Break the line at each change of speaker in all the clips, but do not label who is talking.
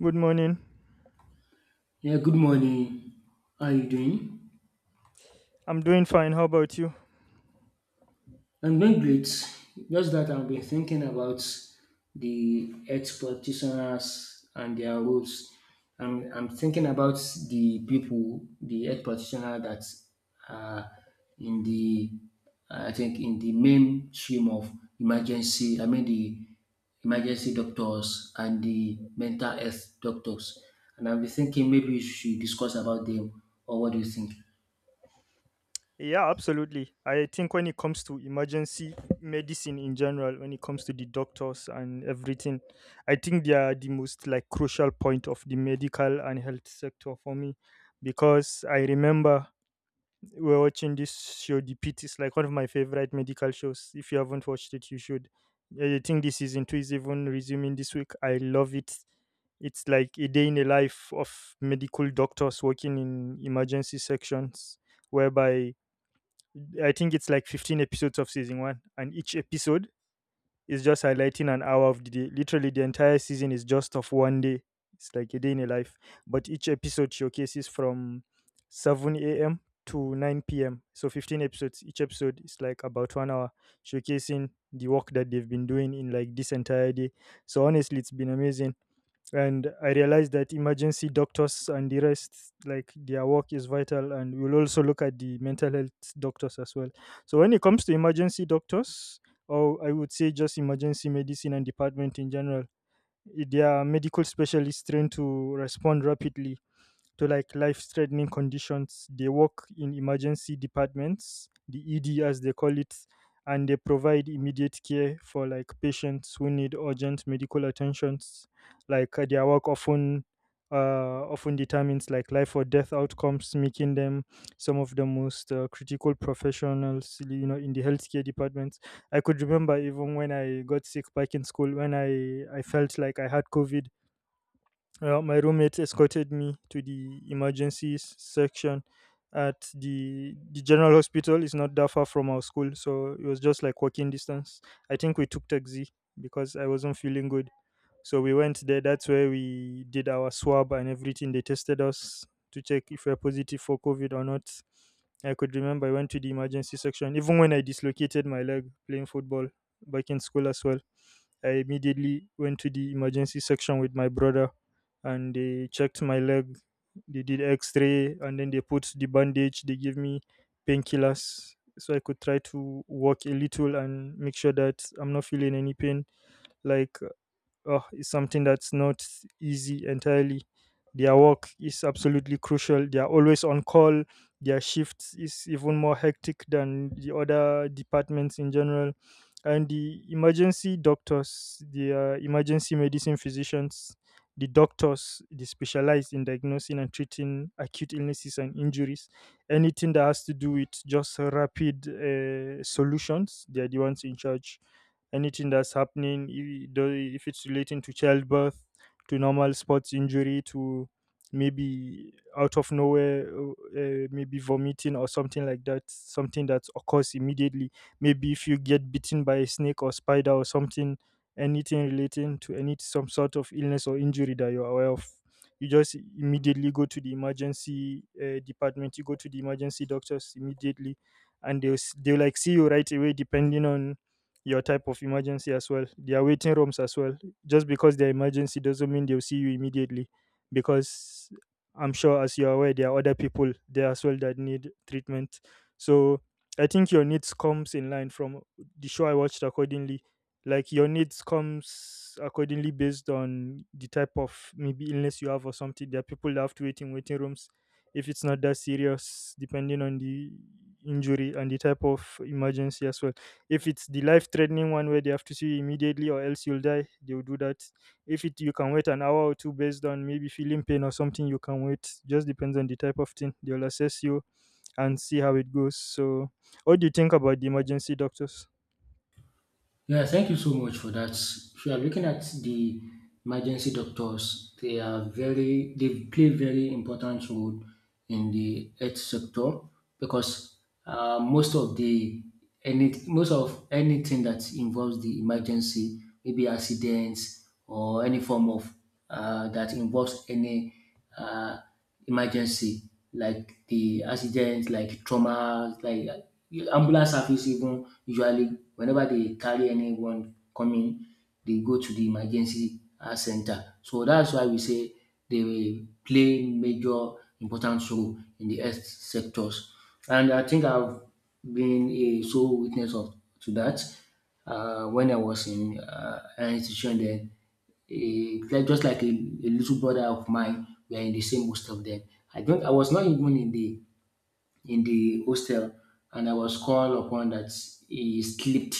Good morning.
Yeah, good morning. How are you doing?
I'm doing fine. How about you?
I'm doing great. Just that I've been thinking about the health practitioners and their roles. I'm thinking about the people, the health practitioner that are in I think, in the mainstream of the emergency doctors and the mental health doctors. And I'll be thinking maybe
Mm.
we should discuss about them, or what do you think?
Yeah, absolutely. I think when it comes to emergency medicine in general, when it comes to the doctors and everything, I think they are the most like crucial point of the medical and health sector for me because I remember we're watching this show, The Pit. It's like one of my favorite medical shows. If you haven't watched it, you should. I think this season two is even resuming this week. I love it. It's like a day in the life of medical doctors working in emergency sections, whereby I think it's like 15 episodes of season one, and each episode is just highlighting an hour of the day. Literally, the entire season is just of one day. It's like a day in a life. But each episode showcases from 7 a.m. to 9 p.m. So 15 episodes. Each episode is like about one hour, showcasing the work that they've been doing in like this entire day. So honestly, it's been amazing, and I realized that emergency doctors and the rest, like, their work is vital, and we'll also look at the mental health doctors as well. So when it comes to emergency doctors, or I would say just emergency medicine and department in general, they are medical specialists trained to respond rapidly to like life threatening conditions. They work in emergency departments, the ED as they call it, and they provide immediate care for like patients who need urgent medical attentions. Like, their work often, often determines like life or death outcomes, making them some of the most critical professionals, you know, in the healthcare departments. I could remember even when I got sick back in school, when I felt like I had COVID, well, my roommate escorted me to the emergency section at the general hospital. It's not that far from our school, so it was just like walking distance. I think we took taxi because I wasn't feeling good. So we went there. That's where we did our swab and everything. They tested us to check if we're positive for COVID or not. I could remember I went to the emergency section even when I dislocated my leg playing football back in school as well. I immediately went to the emergency section with my brother and they checked my leg. They did x ray and then they put the bandage. They gave me painkillers so I could try to walk a little and make sure that I'm not feeling any pain. Like, oh, is something that's not easy entirely. Their work is absolutely crucial. They are always on call. Their shift is even more hectic than the other departments in general. And the emergency doctors, the emergency medicine physicians, the doctors, they specialize in diagnosing and treating acute illnesses and injuries. Anything that has to do with just rapid solutions, they are the ones in charge anything that's happening, if it's relating to childbirth, to normal sports injury, to maybe out of nowhere, maybe vomiting or something like that, something that occurs immediately. Maybe if you get bitten by a snake or spider or something, anything relating to any some sort of illness or injury that you're aware of. You just immediately go to the emergency department. You go to the emergency doctors immediately, and they'll like see you right away, depending on your type of emergency as well. There are waiting rooms as well. Just because they're emergency doesn't mean they'll see you immediately, because I'm sure, as you're aware, there are other people there as well that need treatment. So I think your needs comes in line from the show I watched accordingly. Like your needs comes accordingly based on the type of maybe illness you have or something. There are people that have to wait in waiting rooms if it's not that serious, depending on the injury and the type of emergency as well. If it's the life threatening one where they have to see you immediately or else you'll die, they'll do that. If it you can wait an hour or two based on maybe feeling pain or something, you can wait. Just depends on the type of thing. They'll assess you and see how it goes. So what do you think about the emergency doctors?
Yeah, thank you so much for that. If you are looking at the emergency doctors, they are very they play very important role in the health sector because most of the any most of anything that involves the emergency, maybe accidents or any form of that involves any uh, emergency like the accident, like trauma, like ambulance service even usually whenever they carry anyone coming, they go to the emergency centre. So that's why we say they play major important role in the health sectors, and I think I've been a sole witness of to that when I was in health institution then a like just like a little brother of mine. We are in the same most of them. I don't. I was not even in the hostel, and I was called upon that he slipped.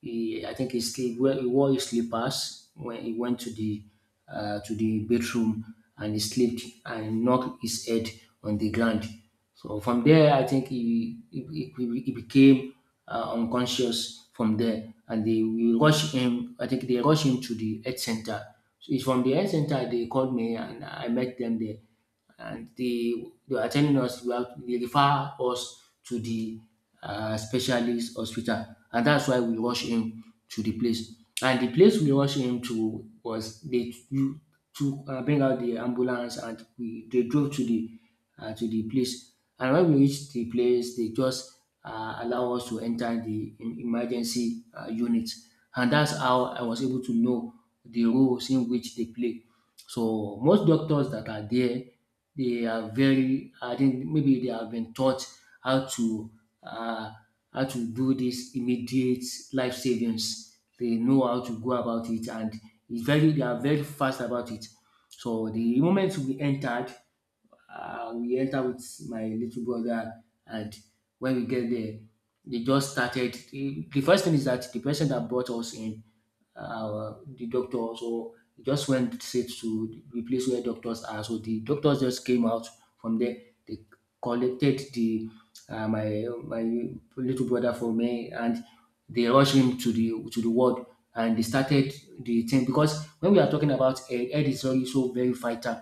He, I think he slipped. Well, he wore his slippers when he went to the bedroom, and he slipped and knocked his head on the ground. So from there, I think he became unconscious from there, and they we rushed him. I think they rushed him to the health center. So it's from the health center they called me, and I met them there and they were telling us we have they refer us to the specialist hospital, and that's why we rushed him to the place. And the place we rushed him to was they you to bring out the ambulance, and we they drove to the place, and when we reached the place they just allow us to enter the emergency unit, and that's how I was able to know the roles in which they play. So most doctors that are there they are very I think maybe they have been taught how to uh, how to do this immediate life savings. They know how to go about it, and it's very they are very fast about it. So the moment we entered with my little brother, and when we get there, they just started. The first thing is that the person that brought us in the doctor. So he just went straight to the place where doctors are. So the doctors just came out from there. They collected the my little brother from me, and they rushed him to the ward. And they started the thing because when we are talking about head, head is also so very vital,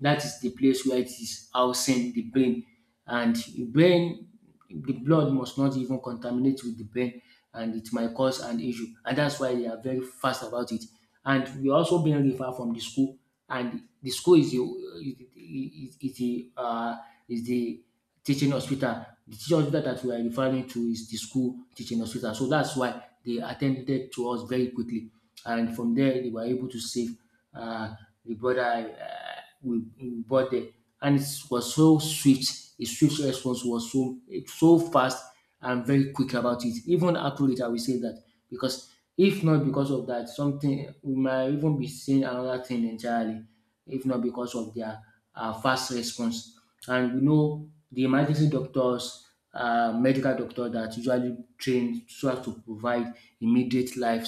that is the place where it is housing the brain, and the brain the blood must not even contaminate with the brain, and it might cause an issue, and that's why they are very fast about it. And we are also being referred from the school, and the school is the is the is the um is the teaching hospital. The teaching hospital that we are referring to is the school teaching hospital. So that's why they attended to us very quickly. And from there, they were able to save uh, the brother uh, we bought there. And it was so swift. The swift response was so, so fast and very quick about it. Even accurate, I will say that. Because if not because of that, something we might even be seeing another thing entirely if not because of their fast response. And we know the emergency doctors, medical doctor that usually trained so as to provide immediate life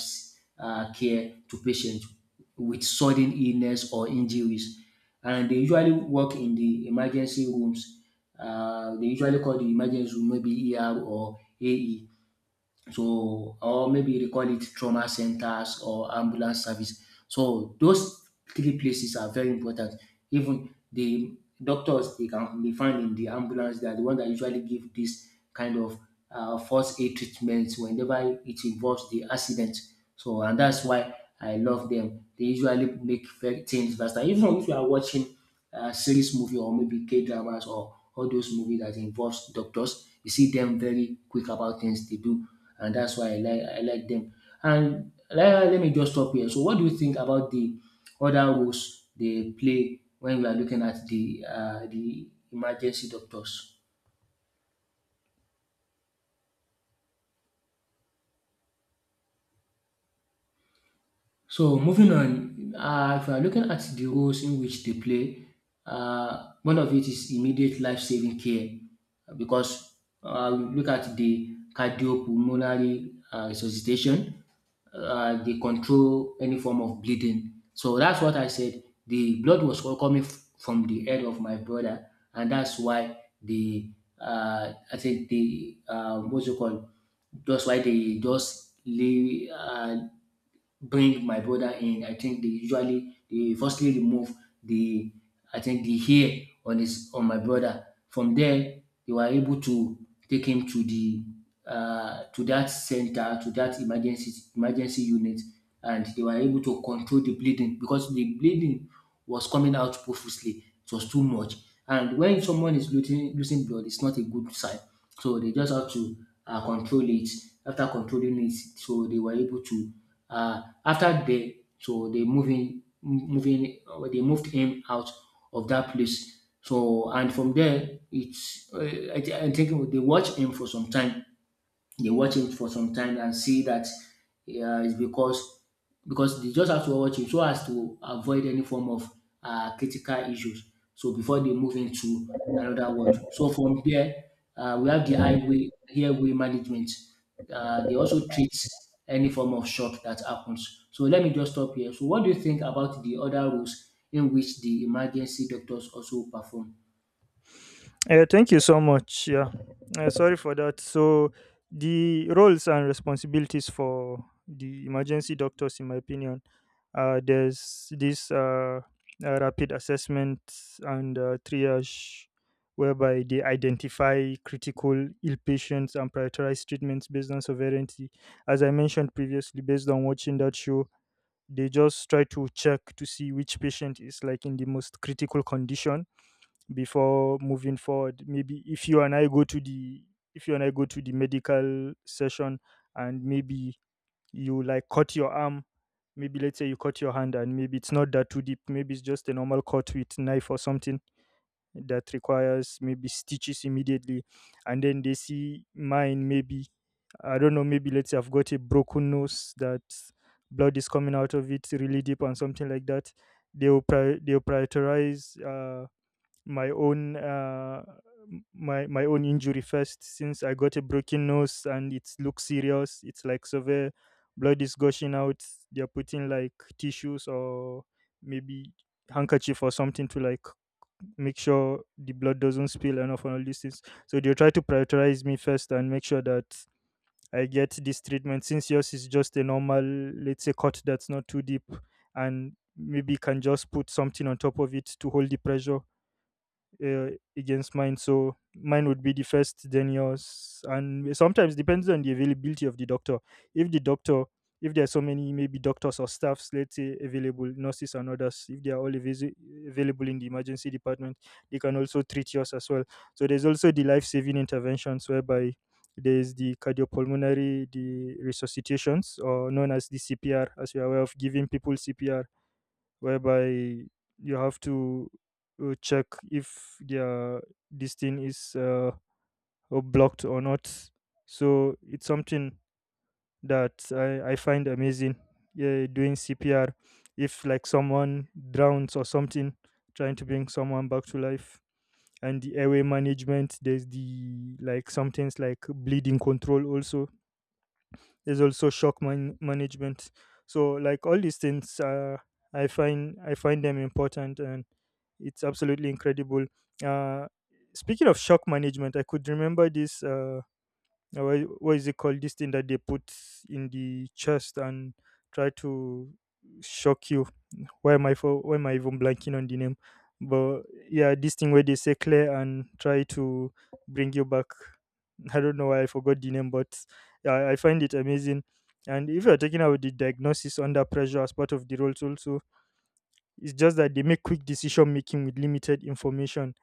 care to patients with sudden illness or injuries. And they usually work in the emergency rooms. They usually call the emergency room maybe ER or AE so, or maybe you call it trauma centers or ambulance service. So those three places are very important. Even the doctors they can be found in the ambulance. They are the one that usually give this kind of first aid treatments whenever it involves the accident. So and that's why I love them. They usually make very things faster. Even if you are watching series movie or maybe K dramas or all those movies that involves doctors, you see them very quick about things they do, and that's why I like them. And let me just stop here. So, what do you think about the other roles they play when we are looking at the emergency doctors? So moving on, if we are looking at the roles in which they play, one of it is immediate life-saving care because we look at the cardiopulmonary resuscitation, they control any form of bleeding. So that's what I said. The blood was all coming f- from the head of my brother, and that's why the I think the what's it called? That's why they just lay. Bring my brother in, I think they usually they firstly remove the I think the hair on his on my brother. From there, they were able to take him to the to that center to that emergency unit, and they were able to control the bleeding because the bleeding was coming out profusely. It was too much, and when someone is losing blood, it's not a good sign. So they just have to control it. After controlling it, so they were able to uh, after they so they moving, in moving they moved him out of that place. So and from there it's I think they watched him for some time they watch it for some time and see that it's because they just have to watch it so as to avoid any form of critical issues. So before they move into another world. So from there, we have the highway management. They also treat any form of shock that happens. So let me just stop here. So what do you think about the other roles in which the emergency doctors also perform?
Thank you so much. Yeah, sorry for that. So, the roles and responsibilities for the emergency doctors, in my opinion, there's this, rapid assessment and, triage, whereby they identify critical ill patients and prioritize treatments based on severity. As I mentioned previously, based on watching that show, they just try to check to see which patient is like in the most critical condition before moving forward. Maybe if you and I go to the, if you and I go to the medical session, and maybe you like cut your arm, maybe, let's say you cut your hand and maybe it's not that too deep, maybe it's just a normal cut with knife or something that requires maybe stitches immediately, and then they see mine, maybe, I don't know, maybe let's say I've got a broken nose, that blood is coming out of it really deep and something like that. They they will prioritize my own, my own injury first since I got a broken nose and it looks serious. It's like severe blood is gushing out. They're putting like tissues or maybe handkerchief or something to like make sure the blood doesn't spill and off and all these things. So they try to prioritize me first and make sure that I get this treatment since yours is just a normal, let's say, cut that's not too deep and maybe can just put something on top of it to hold the pressure uh, against mine. So mine would be the first, then yours, and sometimes depends on the availability of the doctor. If the doctor, if there are so many maybe doctors or staffs, let's say available nurses and others, if they are all available in the emergency department, they can also treat yours as well. So there's also the life saving interventions whereby there's the cardiopulmonary the resuscitations or known as the CPR, as we are aware of giving people CPR, whereby you have to, check if their this thing is, blocked or not. So it's something that I find amazing, yeah, doing CPR. If like someone drowns or something, trying to bring someone back to life, and the airway management, there's the like something's like bleeding control also. There's also shock management. So like all these things, I find them important, and it's absolutely incredible. uh, Speaking of shock management, I could remember this, what is it called, this thing that they put in the chest and try to shock you. Why am I, for why am I even blanking on the name? But yeah, this thing where they say Claire and try to bring you back. I don't know why I forgot the name, but I find it amazing. And if you're talking about the diagnosis under pressure as part of the roles also, it's just that they make quick decision making with limited information.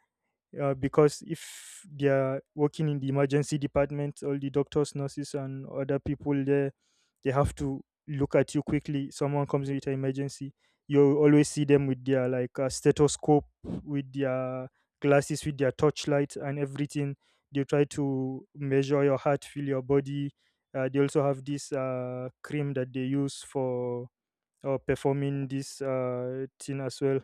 Because if they are working in the emergency department, all the doctors, nurses, and other people there, they have to look at you quickly. Someone comes with an emergency, you always see them with their like, stethoscope, with their glasses, with their torchlight, and everything. They try to measure your heart, feel your body. They also have this cream that they use for performing this thing as well,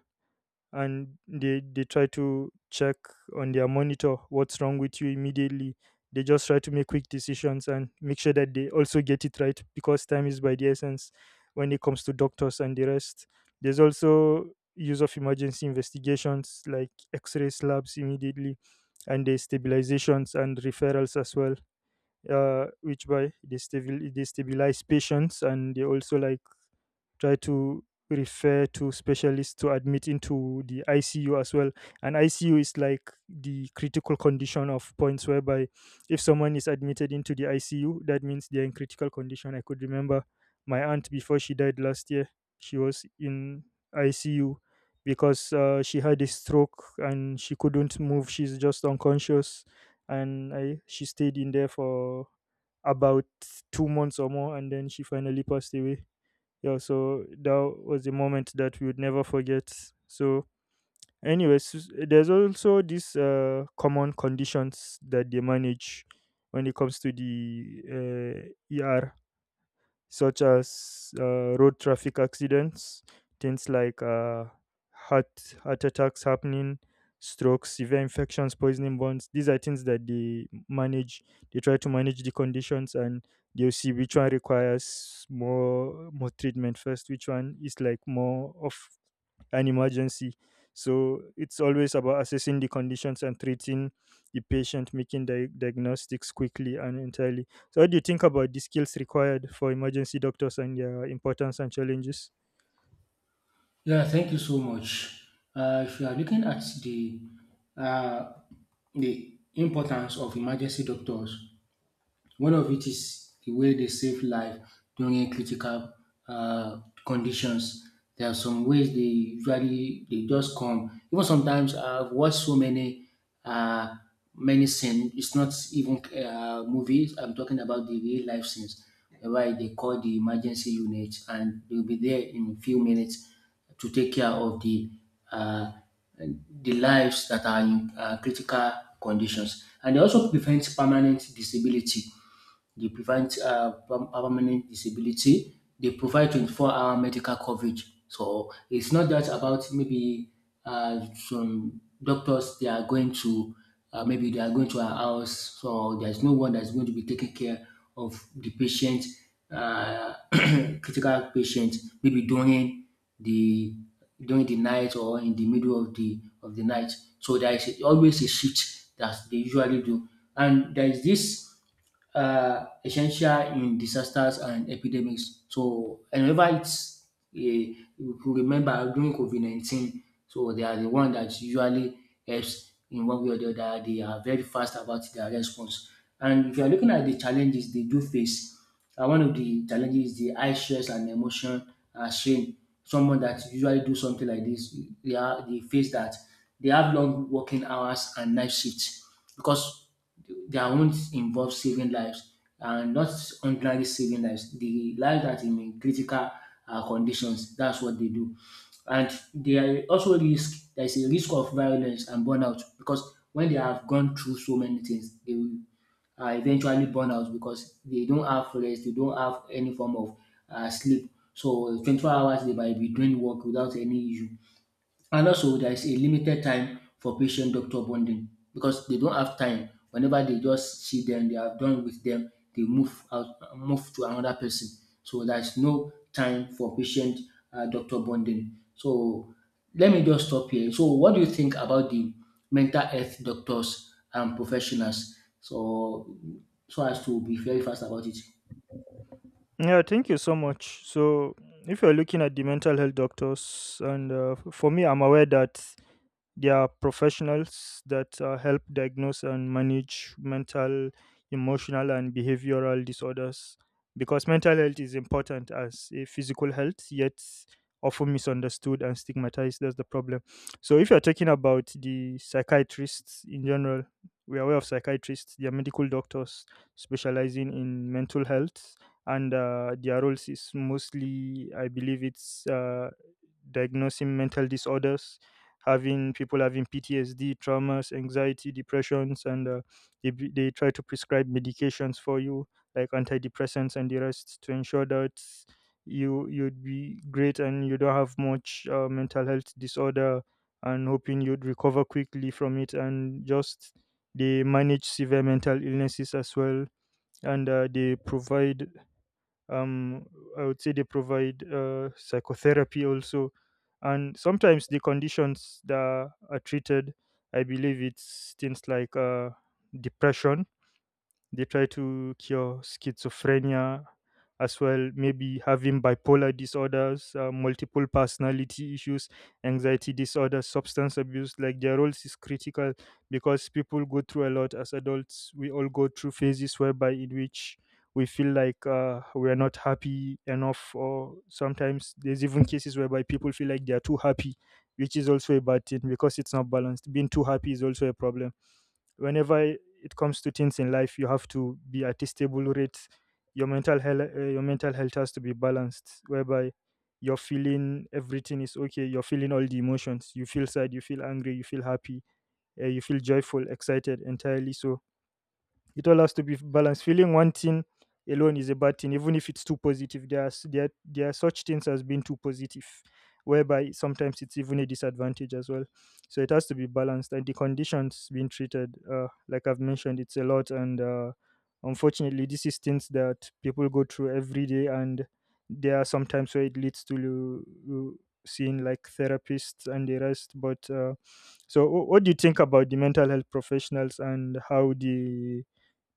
and they try to check on their monitor what's wrong with you immediately. They just try to make quick decisions and make sure that they also get it right because time is by the essence when it comes to doctors and the rest. There's also use of emergency investigations like x-ray slabs immediately, and the stabilizations and referrals as well, which by they stabilize patients and they also like try to refer to specialists to admit into the ICU as well. And ICU is like the critical condition of points whereby if someone is admitted into the ICU, that means they're in critical condition. I could remember my aunt before she died last year, she was in ICU because, she had a stroke and she couldn't move. She's just unconscious. And she stayed in there for about 2 months or more, and then she finally passed away. Yeah, so that was a moment that we would never forget. so there's also these common conditions that they manage when it comes to the uh, er such as road traffic accidents, things like heart attacks happening, strokes, severe infections, poisoning burns. These are things that they manage. They try to manage the conditions, and they'll see which one requires more treatment first, which one is like more of an emergency. So it's always about assessing the conditions and treating the patient, making diagnostics quickly and entirely. So, what do you think about the skills required for emergency doctors and their importance and challenges?
Yeah, thank you so much. If you are looking at uh, the importance of emergency doctors, one of it is the way they save life during critical uh, conditions. There are some ways they usually they just come. Even sometimes I've watched so many uh, many scenes. It's not even movies. I'm talking about the real life scenes whereby they call the emergency unit and they'll be there in a few minutes to take care of uh, the lives that are in critical conditions, and they also prevent permanent disability permanent disability. They provide 24-hour medical coverage. So it's not just about maybe some doctors, they are going to, maybe they are going to our house. So there's no one that's going to be taking care of the patient, critical patient, maybe the during the night or in the middle of the night. So there is always a shift that they usually do. And there is this essential in disasters and epidemics. So, and whenever it's you could remember during COVID 19, so they are the one that usually helps in one way or the other. They are very fast about their response. And if you are looking at the challenges they do face, one of the challenges is the high stress and emotion and strain. Someone that usually do something like this, they are they face that they have long working hours and night shifts because their own involve saving lives and not ordinary saving lives. The lives that in critical conditions, that's what they do. And there are also risk, there is a risk of violence and burnout because when they have gone through so many things, they will eventually burn out because they don't have rest, they don't have any form of sleep. So 24 hours they might be doing work without any issue. And also there is a limited time for patient doctor bonding because they don't have time. Whenever they just see them, they are done with them. They move to another person. So there is no time for patient doctor bonding. So let me just stop here. So what do you think about the mental health doctors and professionals? So so as to be very fast about it.
Yeah, thank you so much. So, if you're looking at the mental health doctors, and for me, I'm aware that they are professionals that help diagnose and manage mental, emotional, and behavioral disorders. Because mental health is important as a physical health, yet often misunderstood and stigmatized. That's the problem. So, if you're talking about the psychiatrists in general, we are aware of psychiatrists, they are medical doctors specializing in mental health, and their roles is mostly, I believe, it's diagnosing mental disorders, having people having PTSD, traumas, anxiety, depressions, and they try to prescribe medications for you like antidepressants and the rest to ensure that you'd be great and you don't have much mental health disorder, and hoping you'd recover quickly from it. And just they manage severe mental illnesses as well, and they provide um I would say they provide psychotherapy also. And sometimes the conditions that are treated, I believe it's things like depression. They try to cure schizophrenia as well, maybe having bipolar disorders, multiple personality issues, anxiety disorders, substance abuse. Like, their roles is critical because people go through a lot. As adults we all go through phases whereby in which we feel like we are not happy enough, or sometimes there's even cases whereby people feel like they are too happy, which is also a bad thing because it's not balanced. Being too happy is also a problem. Whenever it comes to things in life, you have to be at a stable rate. Your mental health, your mental health has to be balanced, whereby you're feeling everything is okay, you're feeling all the emotions, you feel sad, you feel angry, you feel happy, you feel joyful, excited entirely. So it all has to be balanced. Feeling one thing alone is a bad thing, even if it's too positive. There are, there are such things as being too positive, whereby sometimes it's even a disadvantage as well. So it has to be balanced. And the conditions being treated, like I've mentioned, it's a lot. And unfortunately, this is things that people go through every day. And there are sometimes where it leads to seeing like therapists and the rest. But so, what do you think about the mental health professionals and how the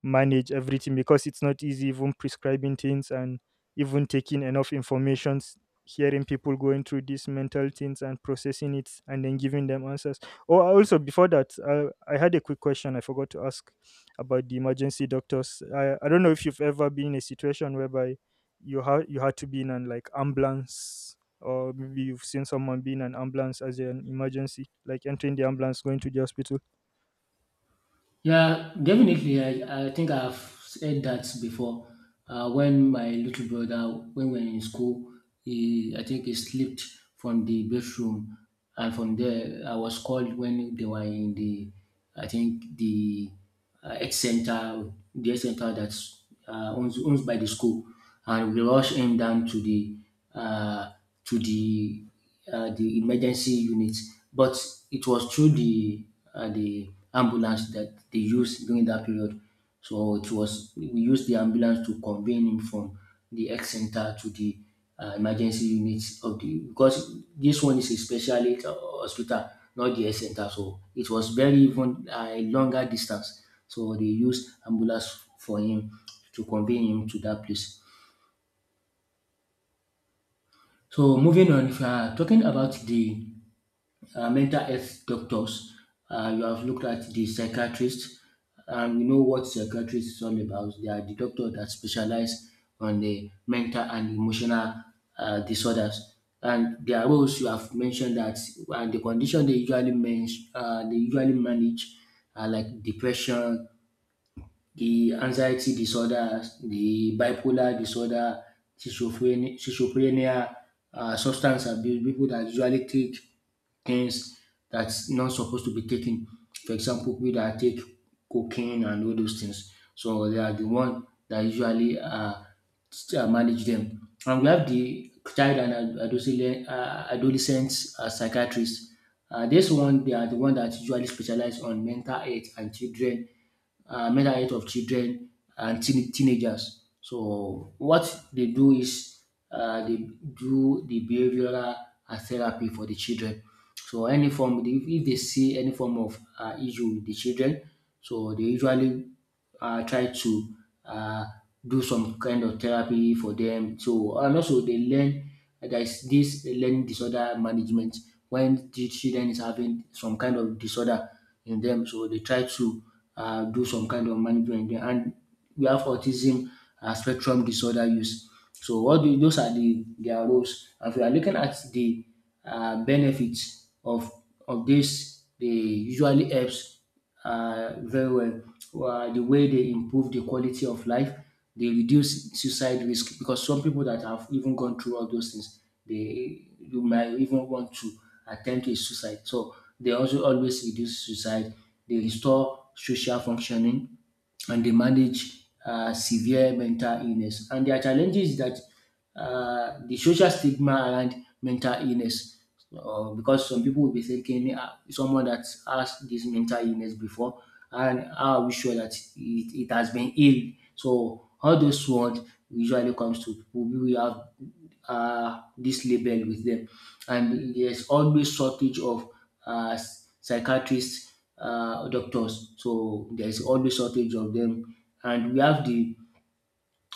manage everything? Because it's not easy, even prescribing things and even taking enough informations, hearing people going through these mental things and processing it and then giving them answers. Oh, also before that, I had a quick question I forgot to ask about the emergency doctors. I don't know if you've ever been in a situation whereby you had to be in an like ambulance, or maybe you've seen someone being an ambulance as an emergency, like entering the ambulance going to the hospital.
Yeah, definitely. I think I've said that before. When my little brother, when we were in school, he, I think he slipped from the bedroom, and from there I was called when they were in the, I think the X Center, the X Center that's owns, owns by the school, and we rush him down uh, to the emergency unit. But it was through the ambulance that they used during that period. So it was we used the ambulance to convey him from the X Center to the emergency units of the because this one is a specialist hospital, not the health center. So it was very even a longer distance. So they used ambulance for him to convey him to that place. So moving on, if you are talking about the mental health doctors. You have looked at the psychiatrist, and we know what psychiatrists is all about. They are the doctor that specialize on the mental and emotional disorders. And their roles, you have mentioned that, and the condition they usually they usually manage are like depression, the anxiety disorder, the bipolar disorder, schizophrenia, substance abuse, people that usually take things that's not supposed to be taken. For example, people that take cocaine and all those things. So they are the one that usually manage them. And we have the child and adolescent, adolescent psychiatrists. This one, they are the one that usually specialize on mental health and children mental health of children and teenagers. So what they do is they do the behavioral therapy for the children. So any form, if they see any form of issue with the children, so they usually try to uh, do some kind of therapy for them. So and also they learn there is this learning disorder management when the children is having some kind of disorder in them. So they try to do some kind of management. And we have autism spectrum disorder use. So all the, those are the their roles. And if we are looking at the benefits of this, they usually helps very well. The way they improve the quality of life, they reduce suicide risk because some people that have even gone through all those things, they you might even want to attempt a suicide. So they also always reduce suicide. They restore social functioning and they manage severe mental illness. And their challenge is that the social stigma around mental illness, because some people will be thinking someone that has this mental illness before, and how are we sure that it has been healed? So all those ones usually comes to people who have this label with them, and there's always shortage of uh, psychiatrists doctors. So there is always shortage of them, and we have the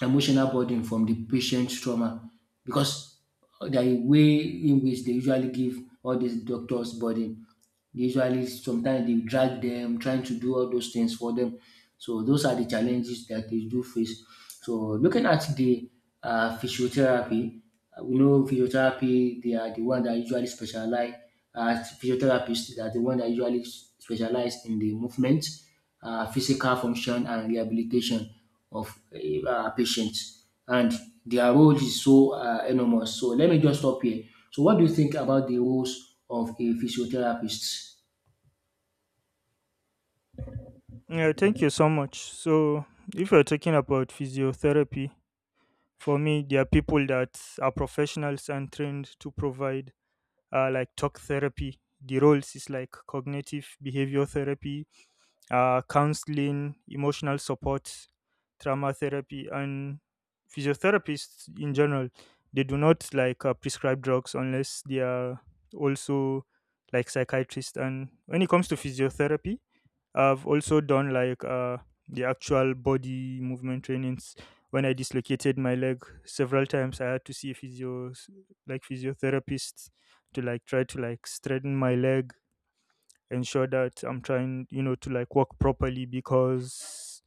emotional burden from the patient's trauma because the way in which they usually give all these doctors burden. They usually, sometimes they drag them, trying to do all those things for them. So those are the challenges that they do face. So looking at the physiotherapy, we know physiotherapy they are the one that usually specialize. Uh, Physiotherapists they are the one that usually specialize in the movement, physical function, and rehabilitation of a patients and their role is so enormous. So let me just stop here. So what do you think about the roles of a physiotherapist?
Yeah, thank you so much. So, if you're talking about physiotherapy, for me, there are people that are professionals and trained to provide like talk therapy. The roles is like cognitive behavior therapy, counseling, emotional support, trauma therapy, and physiotherapists in general. They do not like prescribe drugs unless they are also like psychiatrists. And when it comes to physiotherapy, I've also done like the actual body movement trainings. When I dislocated my leg several times, I had to see a physio, like physiotherapist, to like try to like straighten my leg, ensure that I'm trying, you know, to like walk properly. Because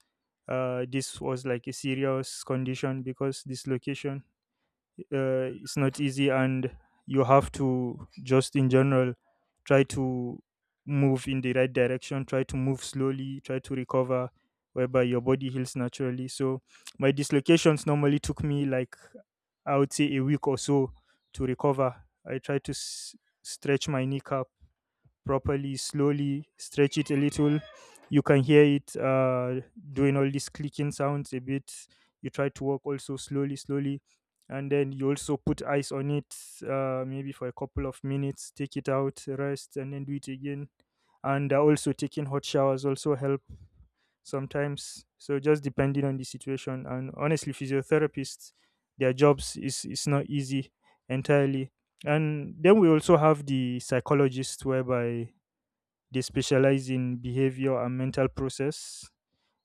this was like a serious condition, because dislocation, it's not easy, and you have to just in general try to move in the right direction, try to move slowly, try to recover whereby your body heals naturally. So my dislocations normally took me like, I would say, a week or so to recover. I tried to stretch my kneecap properly, slowly stretch it a little. You can hear it, doing all these clicking sounds a bit. You try to walk also slowly slowly, and then you also put ice on it, maybe for a couple of minutes, take it out, rest, and then do it again. And also taking hot showers also help sometimes. So just depending on the situation. And honestly, physiotherapists, their jobs is not easy entirely. And then we also have the psychologist, whereby they specialize in behavior and mental process.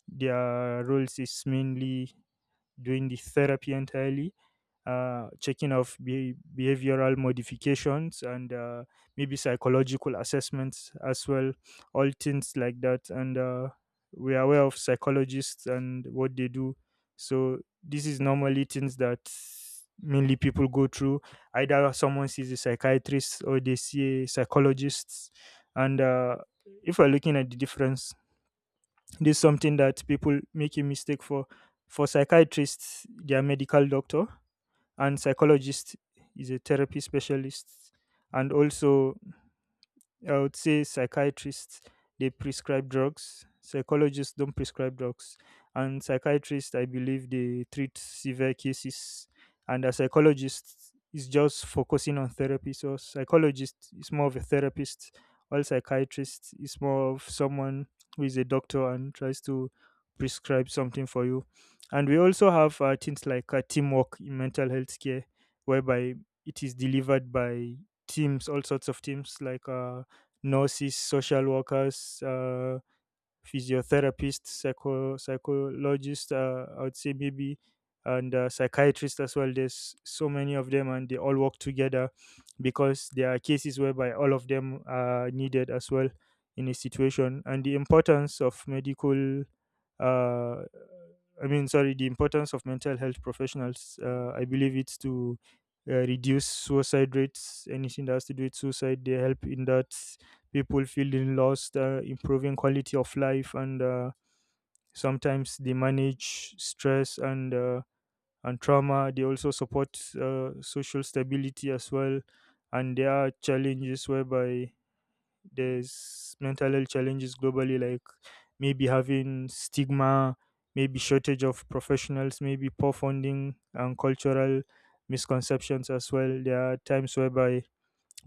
Their roles is mainly doing the therapy entirely, checking of behavioral modifications, and maybe psychological assessments as well, all things like that. And we are aware of psychologists and what they do. So this is normally things that mainly people go through. Either someone sees a psychiatrist or they see a psychologist. And if we're looking at the difference, this is something that people make a mistake for. For psychiatrists, they are medical doctor, and psychologist is a therapy specialist. And also, I would say psychiatrists, they prescribe drugs. Psychologists don't prescribe drugs, and psychiatrists, I believe, they treat severe cases, and a psychologist is just focusing on therapy. So psychologist is more of a therapist, while psychiatrist is more of someone who is a doctor and tries to prescribe something for you. And we also have things like teamwork in mental health care, whereby it is delivered by teams, all sorts of teams, like, nurses, social workers, physiotherapists, psychologists. I would say maybe, and psychiatrists as well. There's so many of them, and they all work together because there are cases whereby all of them are needed as well in a situation. And the importance of medical uh, I mean, sorry, the importance of mental health professionals, I believe it's to reduce suicide rates, anything that has to do with suicide. They help in that, people feeling lost, improving quality of life, and sometimes they manage stress and and trauma. They also support social stability as well. And there are challenges whereby there's mental health challenges globally, like maybe having stigma, maybe shortage of professionals, maybe poor funding, and cultural misconceptions as well. There are times whereby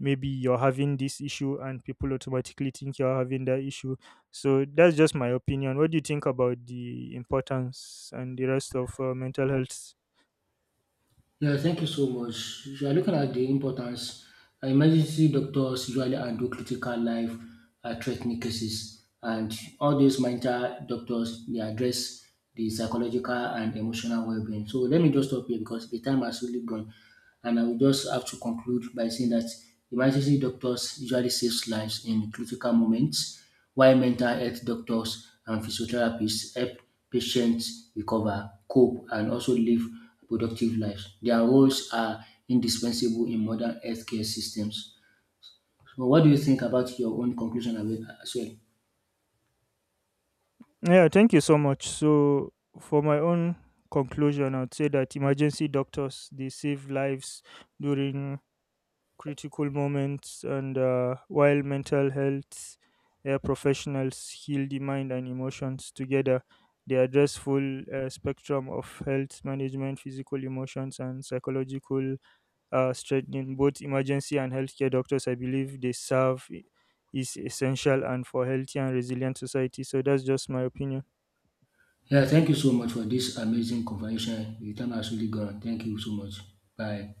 maybe you're having this issue and people automatically think you're having that issue. So that's just my opinion. What do you think about the importance and the rest of mental health?
Yeah, thank you so much. If you are looking at the importance, emergency doctors usually handle critical life threatening cases, and all these mental doctors they address the psychological and emotional well-being. So let me just stop here because the time has really gone, and I will just have to conclude by saying that emergency doctors usually saves lives in critical moments while mental health doctors and physiotherapists help patients recover, cope and also live productive lives. Their roles are indispensable in modern healthcare systems. So what do you think about your own conclusion as well?
Yeah, thank you so much. So, for my own conclusion, I would say that emergency doctors, they save lives during critical moments, and while mental health professionals heal the mind and emotions together, they address full spectrum of health management, physical emotions, and psychological strengthening. Both emergency and healthcare doctors, I believe, they serve is essential and for healthy and resilient society. So that's just my opinion.
Yeah, thank you so much for this amazing conversation. Your time has really gone. Thank you so much. Bye.